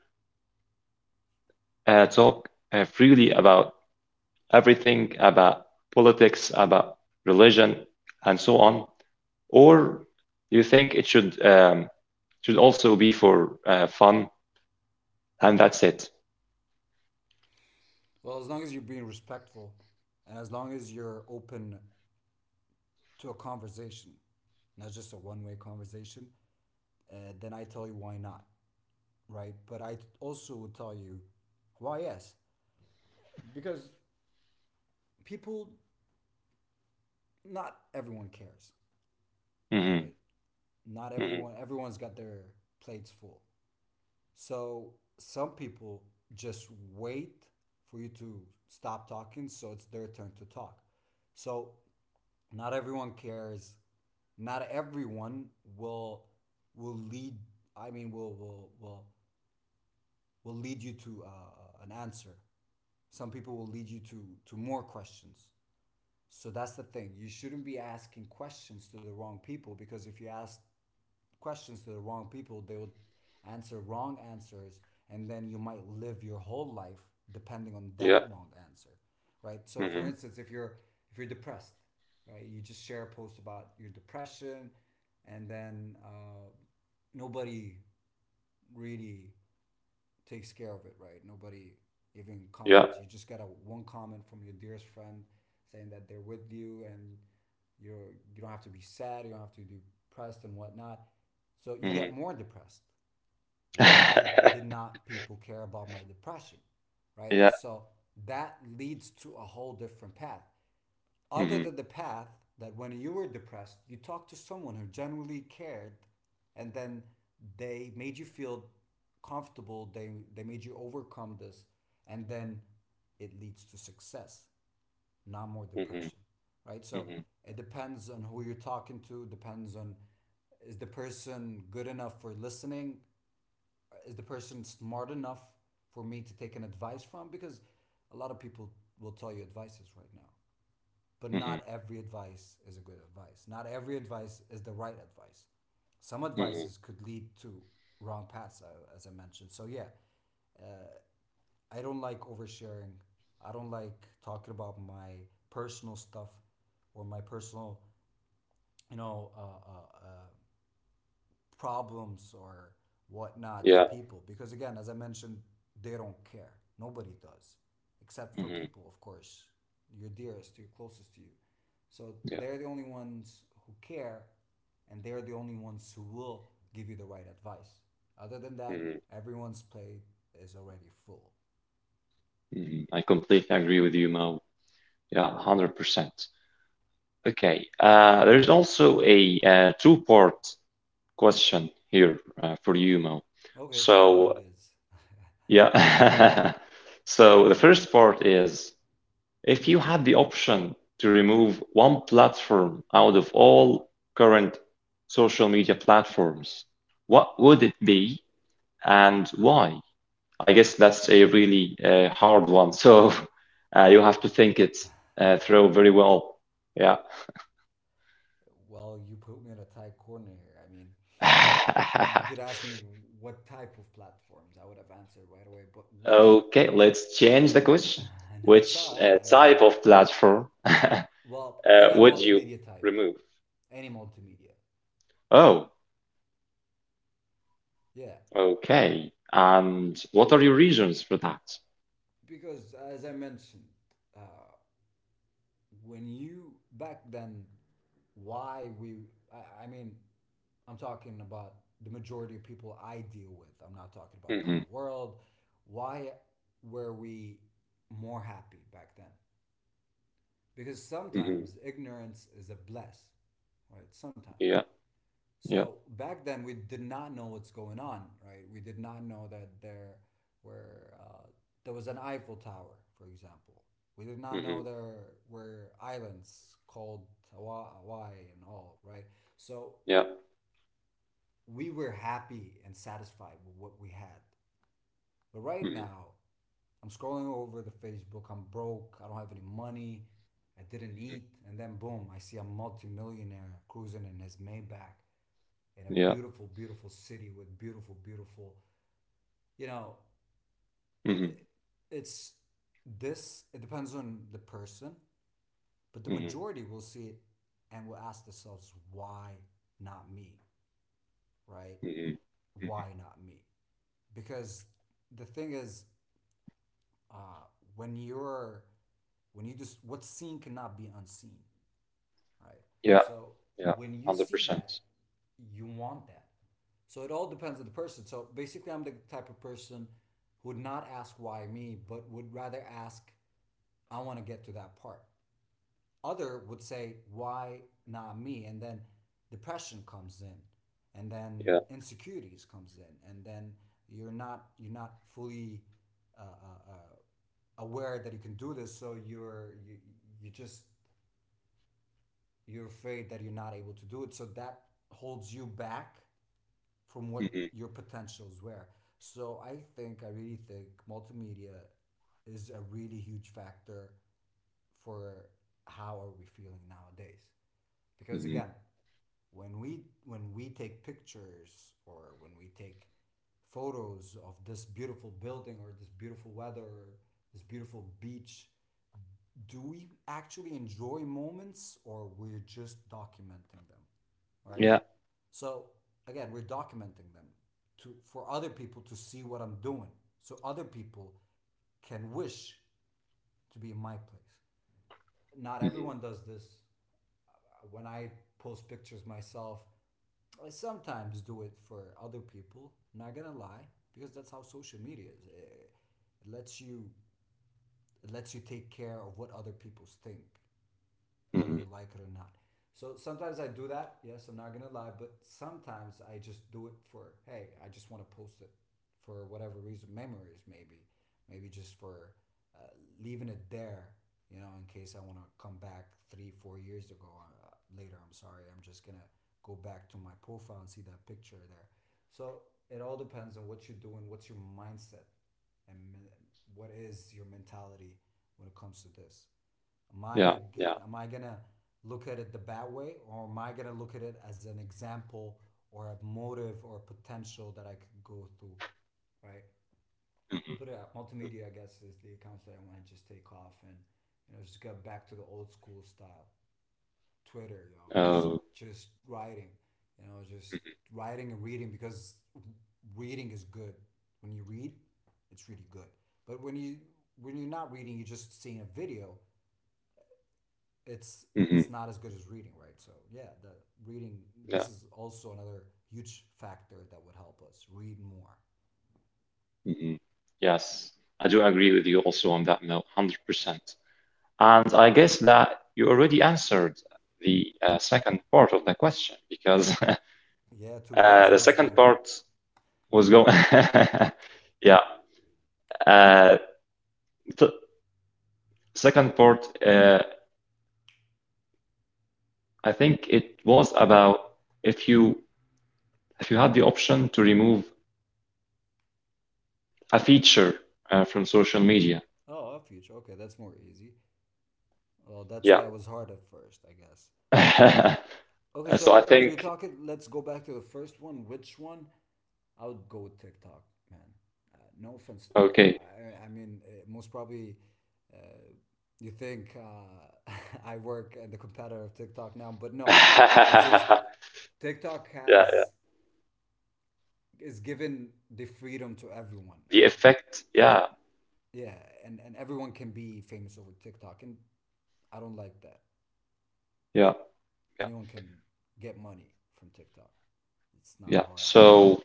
A: talk freely about everything, about politics, about religion, and so on? Or do you think it should also be for fun and that's it?
B: Well, as long as you're being respectful and as long as you're open to a conversation, not just a one-way conversation, then I tell you, why not, right? But I also will tell you why yes, because people, not everyone cares,
A: Hmm.
B: right? Not
A: Hmm.
B: everyone, everyone's got their plates full. So some people just wait for you to stop talking, so it's their turn to talk. So not everyone cares. Not everyone will lead. I mean, will lead you to an answer. Some people will lead you to more questions. So that's the thing. You shouldn't be asking questions to the wrong people, because if you ask questions to the wrong people, they will answer wrong answers, and then you might live your whole life depending on
A: Yeah.
B: that wrong answer. Right? So for
A: Hmm.
B: instance, if you're depressed, right? You just share a post about your depression, and then nobody really takes care of it, right? Nobody even
A: Yeah.
B: comments. You just get a one comment from your dearest friend saying that they're with you and you don't have to be sad, you don't have to be depressed and whatnot. So you
A: Hmm.
B: get more depressed. Why did not people care about my depression? Right?
A: Yeah.
B: So that leads to a whole different path other
A: Hmm.
B: than the path that when you were depressed, you talked to someone who genuinely cared, and then they made you feel comfortable. They made you overcome this, and then it leads to success, not more
A: Hmm.
B: depression, right? So
A: Hmm.
B: it depends on who you're talking to. Depends on, is the person good enough for listening? Is the person smart enough for me to take an advice from? Because a lot of people will tell you advices right now, but
A: Hmm.
B: not every advice is a good advice. Not every advice is the right advice. Some
A: Hmm.
B: advices could lead to wrong paths, as I mentioned. So, yeah, I don't like oversharing. I don't like talking about my personal stuff or my personal, you know, problems or whatnot to
A: Yeah.
B: people, because again, as I mentioned, they don't care. Nobody does, except for
A: Hmm.
B: people, of course, your dearest, your closest to you. So
A: Yeah.
B: they're the only ones who care, and they're the only ones who will give you the right advice. Other than that,
A: Hmm.
B: everyone's plate is already full.
A: Mhm. I completely agree with you, Mo. Yeah, 100%. Okay, there's also a two-part question here for you, Mo.
B: Okay, two part
A: So,
B: it is.
A: yeah. So the first part is, if you had the option to remove one platform out of all current social media platforms, what would it be and why? I guess that's a really hard one. So you have to
B: Yeah,
A: think it through very well. Yeah.
B: well, you put me in a tight corner here. I mean, you could ask me what type of platforms I would have answered right away, but which
A: Okay,
B: platform?
A: let's change the question.
B: No, it's
A: Which
B: all right. I mean,
A: type of platform
B: well, any
A: would you
B: multimedia type,
A: remove?
B: any multimedia,
A: Oh,
B: yeah.
A: okay. And what are your reasons for that?
B: Because as I mentioned, uh, when you back then, why we? I mean, I'm talking about the majority of people I deal with. I'm not talking about the
A: Mm-hmm.
B: whole world. Why were we more happy back then? Because
A: Mm-hmm.
B: sometimes ignorance is a bless, right? Sometimes,
A: Yeah. Yeah.
B: so back then we did not know what's going on, right? We did not know that there were there was an Eiffel Tower, for example. We did not
A: Mm-hmm.
B: know there were islands called Hawaii and all, right? So
A: Yeah.
B: we were happy and satisfied with what we had, but right
A: Mm-hmm.
B: now I'm scrolling over the Facebook. I'm broke. I don't have any money. I didn't eat. And then boom, I see a multimillionaire cruising in his Maybach in a
A: Yeah.
B: beautiful, beautiful city with beautiful, beautiful. You know,
A: Mm-hmm.
B: it's this. It depends on the person, but the
A: Mm-hmm.
B: majority will see it and will ask themselves, "Why not me?" Right?
A: Mm-hmm.
B: Why not me? Because the thing is, uh, when you're when you just, what's seen cannot be unseen, right?
A: Yeah.
B: So
A: Yeah.
B: when you see
A: 100%.
B: that, you want that. So it all depends on the person. So basically, I'm the type of person who would not ask why me, but would rather ask, I want to get to that part. Other would say, why not me? And then depression comes in, and
A: Yeah.
B: then insecurities comes in, and then you're not fully uh, uh, uh, aware that you can do this. So you just, you're afraid that you're not able to do it, so that holds you back from what
A: Mm-hmm.
B: your potentials were. So I think, I really think multimedia is a really huge factor for how are we feeling nowadays, because
A: Mm-hmm.
B: again, when we take pictures, or when we take photos of this beautiful building or this beautiful weather or this beautiful beach, do we actually enjoy moments, or we're just documenting them, right?
A: Yeah.
B: So again, we're documenting them to, for other people to see what I'm doing, so other people can wish to be in my place. Not
A: Mhm.
B: everyone does this. When I post pictures myself, I sometimes do it for other people, not gonna lie, because that's how social media is. Lets you it lets you take care of what other people think, whether
A: Mhm.
B: you like it or not. So sometimes I do that. Yes, I'm not gonna lie, but sometimes I just do it for, hey, I just want to post it for whatever reason, memories maybe, maybe just for uh, leaving it there. You know, in case I want to come back three, four years ago uh, later. I'm sorry, I'm just gonna go back to my profile and see that picture there. So it all depends on what you're doing, what's your mindset, and what is your mentality when it comes to this.
A: Yeah, yeah.
B: Am I gonna look at it the bad way, or am I gonna look at it as an example or a motive or a potential that I could go through, right?
A: Mhm.
B: But yeah, multimedia, I guess, is the accounts that I want to just take off and, you know, just get back to the old school style. Twitter, you know,
A: Oh,
B: just writing, you know, just writing and reading, because reading is good. When you read, it's really good. But when you, when you're not reading, you're just seeing a video,
A: mhm.
B: it's not as good as reading, right? So yeah, the reading, this
A: Yeah.
B: is also another huge factor that would help us read more.
A: Mhm. Yes, I do agree with you also on that note, 100%. And I guess that you already answered the second part of the question, because
B: Yeah, two birds,
A: the
B: one
A: second
B: stone.
A: part was going. Yeah, uh, the second part, I think it was about if you had the option to remove a feature from social media.
B: Oh, a future. Okay, that's more easy. Well, that's
A: Yeah.
B: why it was hard at first, I guess. Okay,
A: So I
B: so if we're
A: think,
B: talking, let's go back to the first one. Which one? I would go with TikTok, man. No offense to TikTok.
A: okay.
B: I mean, most probably you think I work in the competitor of TikTok now, but no, it's just TikTok
A: Yeah, yeah.
B: has, is given the freedom to everyone,
A: The
B: and
A: effect, yeah,
B: yeah, and everyone can be famous over TikTok, and I don't like that.
A: yeah, yeah,
B: Anyone can get money from TikTok. It's not
A: yeah.
B: hard anymore.
A: So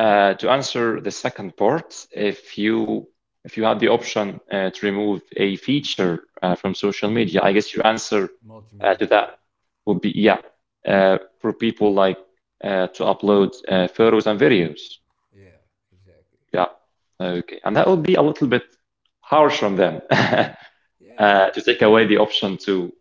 A: to answer the second part, if you have the option to remove a feature from social media, I guess your answer
B: Multimedia,
A: to
B: yeah.
A: that would be yeah, for people like to upload photos and videos.
B: Yeah, exactly.
A: Yeah, okay. And that would be a little bit harsh on them. uh,
B: Yeah,
A: to take away the option to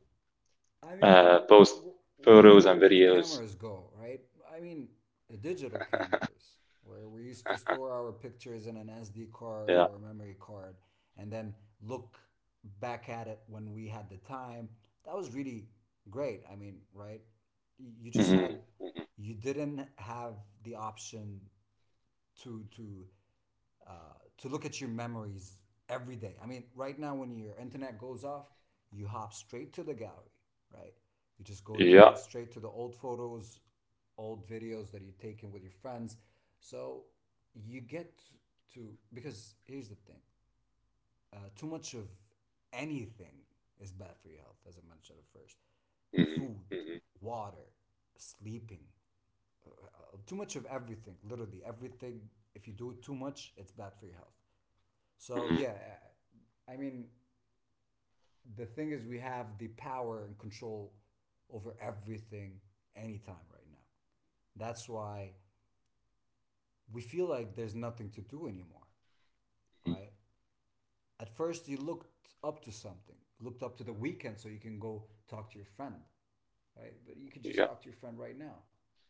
B: I mean,
A: post photos
B: where
A: and
B: did the
A: videos.
B: cameras go, right? I mean, the digital cameras, where we used to store our pictures in an SD card
A: Yeah.
B: or a memory card, and then look back at it when we had the time. That was really great. I mean, right? You
A: Hmm.
B: just
A: Hmm.
B: had, you didn't have the option to to to look at your memories every day. I mean, right now when your internet goes off, you hop straight to the gallery, right? You just go
A: Yeah.
B: through straight to the old photos, old videos that you've taken with your friends. So you get to, because here's the thing: too much of anything is bad for your health, as I mentioned at first.
A: Hmm.
B: Food,
A: Hmm.
B: water, sleeping, too much of everything, literally everything, if you do it too much, it's bad for your health. So
A: Hmm.
B: yeah, I mean, the thing is, we have the power and control over everything anytime right now. That's why we feel like there's nothing to do anymore, right? At first you looked up to something, looked up to the weekend so you can go talk to your friend, right? But you can just
A: Yeah.
B: talk to your friend right now.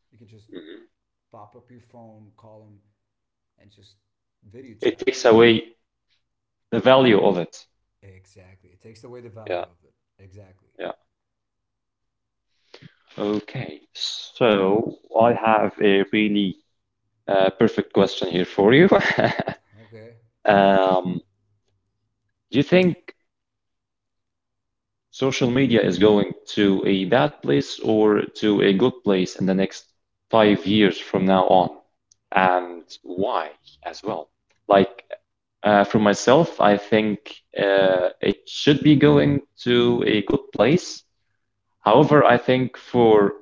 B: You can just
A: Hmm.
B: pop up your phone, call him, and just video
A: It
B: chat with
A: takes
B: him.
A: away the value of it.
B: Exactly. It takes away the
A: Yeah.
B: value of it. Exactly.
A: Yeah. Okay. So I have a really perfect question here for you.
B: Okay.
A: Um, do you think social media is going to a bad place or to a good place in the next 5 years from now on, and why as well? Like for myself, I think it should be going to a good place. However, I think for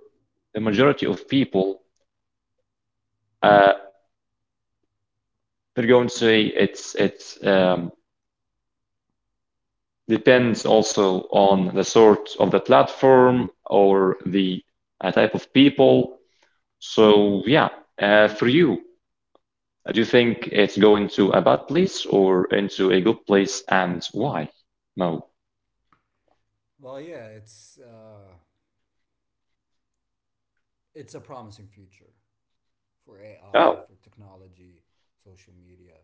A: the majority of people, uh, they're going to say it's depends also on the sort of the platform or the type of people. So yeah, for you, do you think it's going to a bad place or into a good place, and why, Mo?
B: Well, yeah, it's a promising future for
A: Oh.
B: AI, for technology, social media,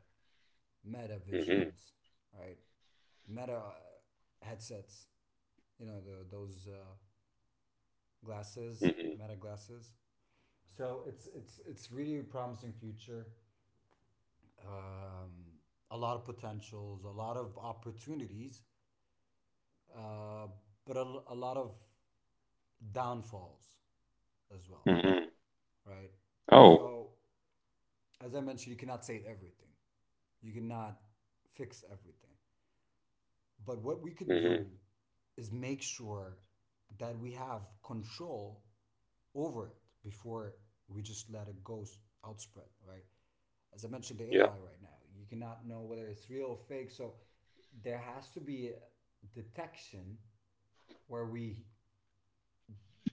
B: meta
A: Mm-hmm.
B: visions, right? Meta headsets, you know, those glasses, meta glasses. So it's really a promising future. Um, a lot of potentials, a lot of opportunities, uh, but a lot of downfalls as well,
A: Mm-hmm. Hmm.
B: right?
A: Oh.
B: So, as I mentioned, you cannot save everything, you cannot fix everything. But what we could
A: Mm-hmm.
B: do is make sure that we have control over it before we just let it go outspread, right? As I mentioned, the
A: Yeah.
B: AI right now, you cannot know whether it's real or fake. So there has to be a detection where we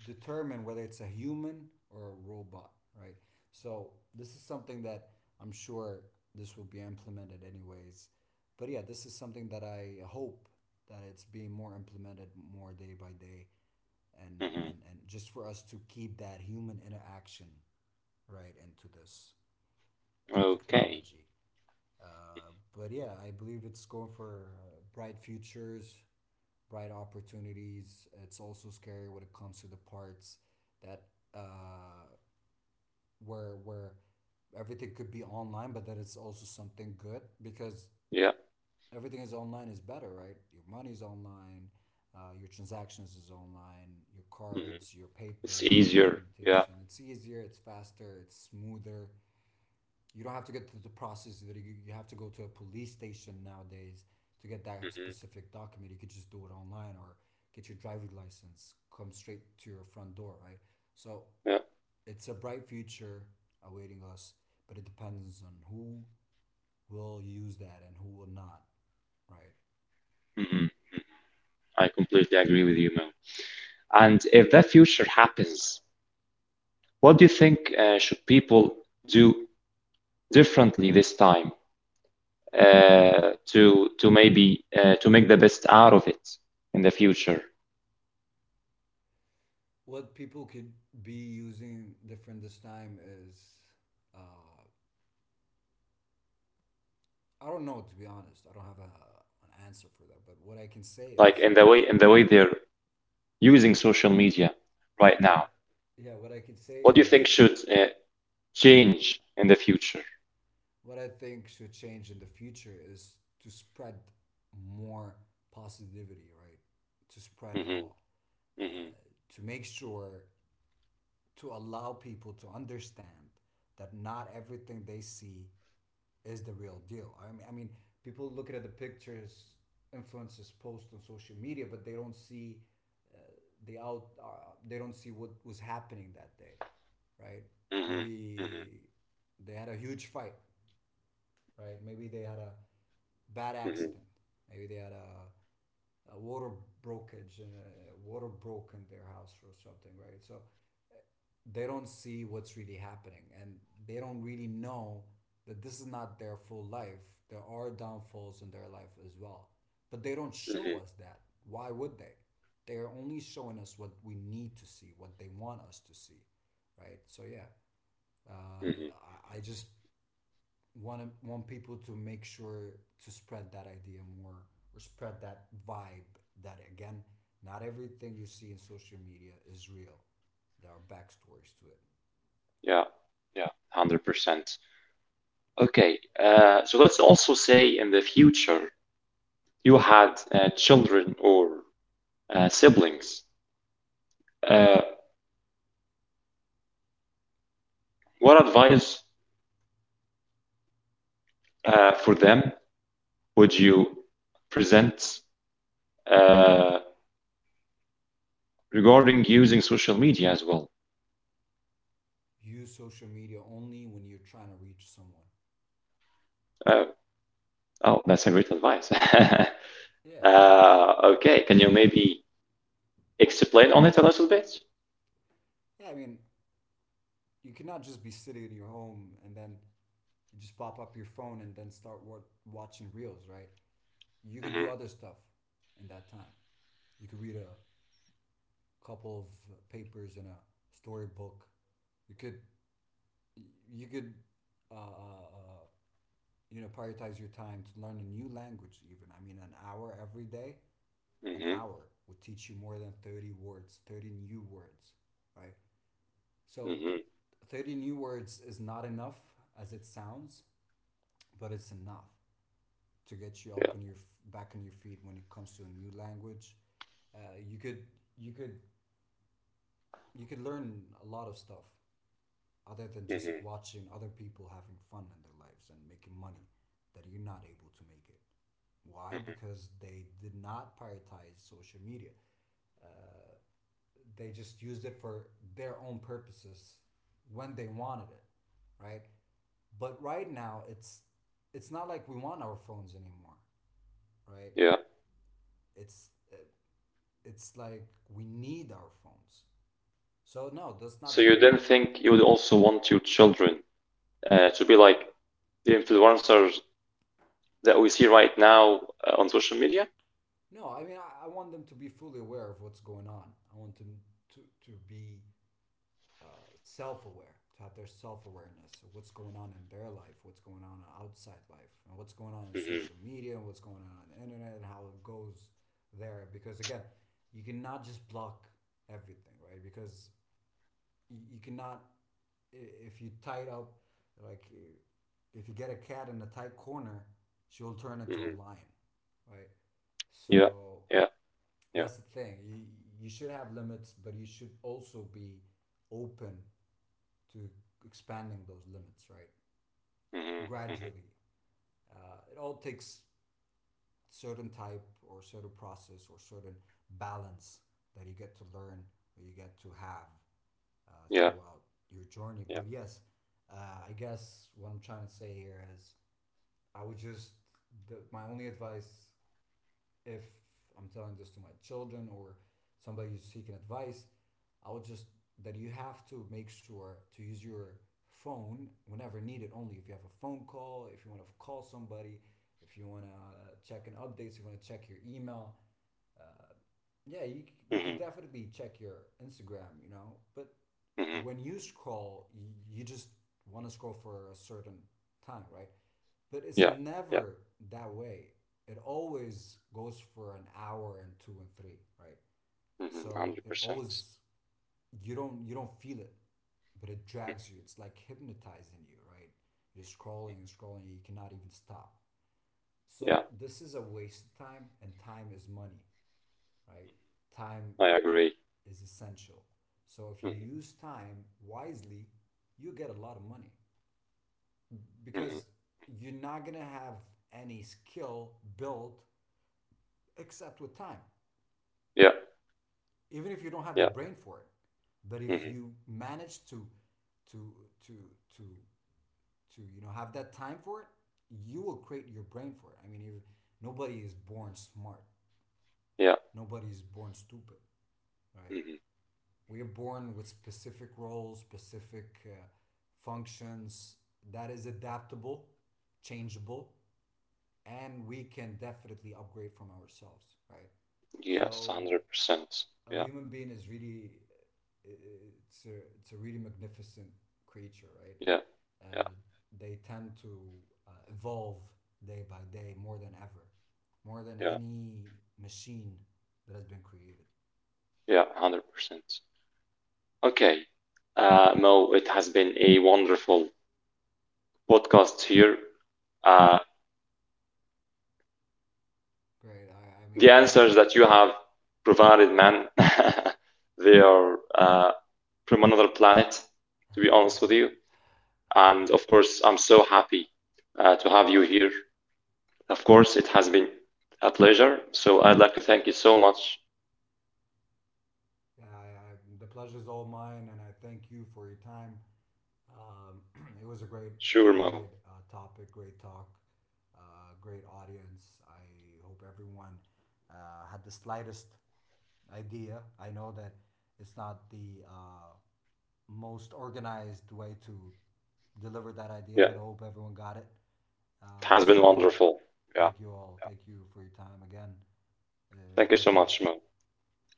B: determine whether it's a human or a robot, right? So this is something that I'm sure this will be implemented anyways. But yeah, this is something that I hope that it's being more implemented more day by day and
A: Mm-hmm.
B: and, and just for us to keep that human interaction right into this
A: Okay.
B: technology. But yeah, I believe it's going for bright futures, bright opportunities. It's also scary when it comes to the parts that where everything could be online, but that it's also something good because
A: Yeah.
B: everything is online is better, right? Your money is online, your transactions is online, your
A: Mm-hmm.
B: cards, your
A: It's
B: papers, your
A: easier. Yeah.
B: documentation. It's easier, it's faster, it's smoother. You don't have to get to the process that have to go to a police station nowadays to get that
A: Mm-hmm.
B: specific document. You could just do it online or get your driver's license, come straight to your front door, right? So
A: Yeah.
B: it's a bright future awaiting us, but it depends on who will use that and who will not, right?
A: Hmm. I completely agree with you, Mo. And if that future happens, what do you think should people do differently this time? To maybe to make the best out of it in the future,
B: What people could be using different this time is, uh, I don't know, to be honest. I don't have an answer for that, but what I can say
A: like
B: is.
A: in the way they're using social media right
B: Yeah,
A: now.
B: yeah. What I could say
A: What do you
B: is,
A: think should
B: uh,
A: change in the future?
B: what I think should change in the future is to spread more positivity, right? To spread it
A: Hmm.
B: all,
A: Hmm.
B: to make sure to allow people to understand that not everything they see is the real deal. I mean, people looking at the pictures influencers post on social media, but they don't see, they don't see what was happening that day, right?
A: Hmm. Hmm.
B: Maybe they had a huge fight, right? Maybe they had a bad accident. Maybe they had a water brokerage, and a water broke in their house or something, right? So they don't see what's really happening, and they don't really know that this is not their full life. There are downfalls in their life as well. But they don't show
A: Hmm.
B: us that. Why would they? They are only showing us what we need to see, what they want us to see, right? So, yeah,
A: Hmm.
B: just want to, want people to make sure to spread that idea more or spread that vibe that, again, not everything you see in social media is real. There are backstories to it.
A: Yeah. Yeah. 100%. Okay. So let's also say in the future you had children or siblings, uh, what advice for them would you present, uh, regarding using social media as well?
B: Use social media only when you're trying to reach someone.
A: Uh, oh, that's a great advice.
B: Yeah.
A: Okay, can you maybe explain on it a little bit?
B: Yeah, I mean, you cannot just be sitting in your home and then you just pop up your phone and then start watching reels, right? You could do
A: Mm-hmm.
B: other stuff in that time. You could read a couple of papers in a storybook. You could you could uh, uh, uh, you know, prioritize your time to learn a new language. Even, I mean, an hour every day, an
A: Mm-hmm.
B: hour would teach you more than 30 words, 30 new words, right? So
A: Mm-hmm.
B: 30 new words is not enough as it sounds, but it's enough to get you
A: Yeah.
B: up on your, back on your feet when it comes to a new language. Uh, you could you could you could learn a lot of stuff other than
A: Mm-hmm.
B: just watching other people having fun in their lives and making money that you're not able to make it. Why?
A: Mm-hmm.
B: Because they did not prioritize social media. They just used it for their own purposes when they wanted it, right? But right now, it's not like we want our phones anymore, right?
A: Yeah.
B: It's it's like we need our phones. So no, that's not
A: So
B: the
A: you
B: point.
A: then think you would also want your children to be like the influencers that we see right now on social media?
B: No, I mean, I want them to be fully aware of what's going on. I want them to be self-aware, to have their self-awareness of what's going on in their life, what's going on in outside life, and what's going on in
A: Mm-hmm.
B: social media, and what's going on the internet, and how it goes there. Because again, you cannot just block everything, right? Because you cannot, if you tie it up, like, if you get a cat in a tight corner, she'll turn into a
A: Mm-hmm.
B: lion, right?
A: Yeah.
B: So
A: Yeah. Yeah.
B: that's the thing, you should have limits, but you should also be open to expanding those limits, right?
A: Mm-hmm.
B: Gradually.
A: Mm-hmm.
B: It all takes certain type or certain process or certain balance that you get to learn or you get to have, uh,
A: Yeah.
B: throughout your journey.
A: Yeah.
B: But yes, I guess what I'm trying to say here is I would just, my only advice, if I'm telling this to my children or somebody who's seeking advice, I would just that you have to make sure to use your phone whenever needed, only if you have a phone call, if you want to call somebody, if you want to check an updates, you want to check your email. Yeah, you could
A: Mm-hmm.
B: definitely check your Instagram, you know, but
A: Mm-hmm.
B: when you scroll, you just want to scroll for a certain time, right? But it's
A: Yeah.
B: never that way. It always goes for an hour and two and three, right?
A: Mhm.
B: So it
A: 100%.
B: always, you don't feel it, but it drags you. It's like hypnotizing you, right? You're scrolling and scrolling, you cannot even stop.
A: Yeah,
B: So this is a waste of time, and time is money, right? Time
A: I agree.
B: is essential. So if you
A: Mhm.
B: use time wisely, you get a lot of money,
A: Mhm.
B: because you're not going to have any skill built except with time.
A: Yeah.
B: Even if you don't have the
A: Yeah.
B: brain for it, but if
A: Mhm.
B: you manage to to to to you know, have that time for it, you will create your brain for it. I mean, if nobody is born smart,
A: Yeah.
B: nobody is born stupid, right?
A: Mhm.
B: We are born with specific roles, specific functions that is adaptable, changeable, and we can definitely upgrade from ourselves, right?
A: Yes,
B: So
A: 100%.
B: a
A: Yeah.
B: human being is really, it's a really magnificent creature, right?
A: Yeah. Yeah.
B: Uh, they tend to evolve day by day more than ever, more than
A: Yeah.
B: any machine that has been created.
A: Yeah, 100%. Okay. Mo, it has been a wonderful podcast here. Uh,
B: Right? I, I
A: the
B: mean, yeah,
A: answers that you have provided, man, they are from another planet, to be honest with you. And of course, I'm so happy to have you here. Of course, it has been a pleasure. So I'd like to thank you so much,
B: I, I, the pleasure is all mine, and I thank you for your time. Um, it was a
A: sure, Mo.
B: great topic, great talk, great audience. I hope everyone had the slightest idea. I know that it's not the most organized way to deliver that idea,
A: Yeah,
B: but I hope everyone got it.
A: it has been
B: So, yeah,
A: wonderful. Yeah,
B: thank you all.
A: yeah.
B: Thank you for your time again.
A: Thank you
B: Great
A: so much,
B: talk.
A: Mo.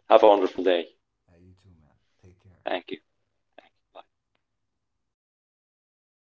A: Have a wonderful day.
B: You too, man. Take care.
A: Thank you. Bye.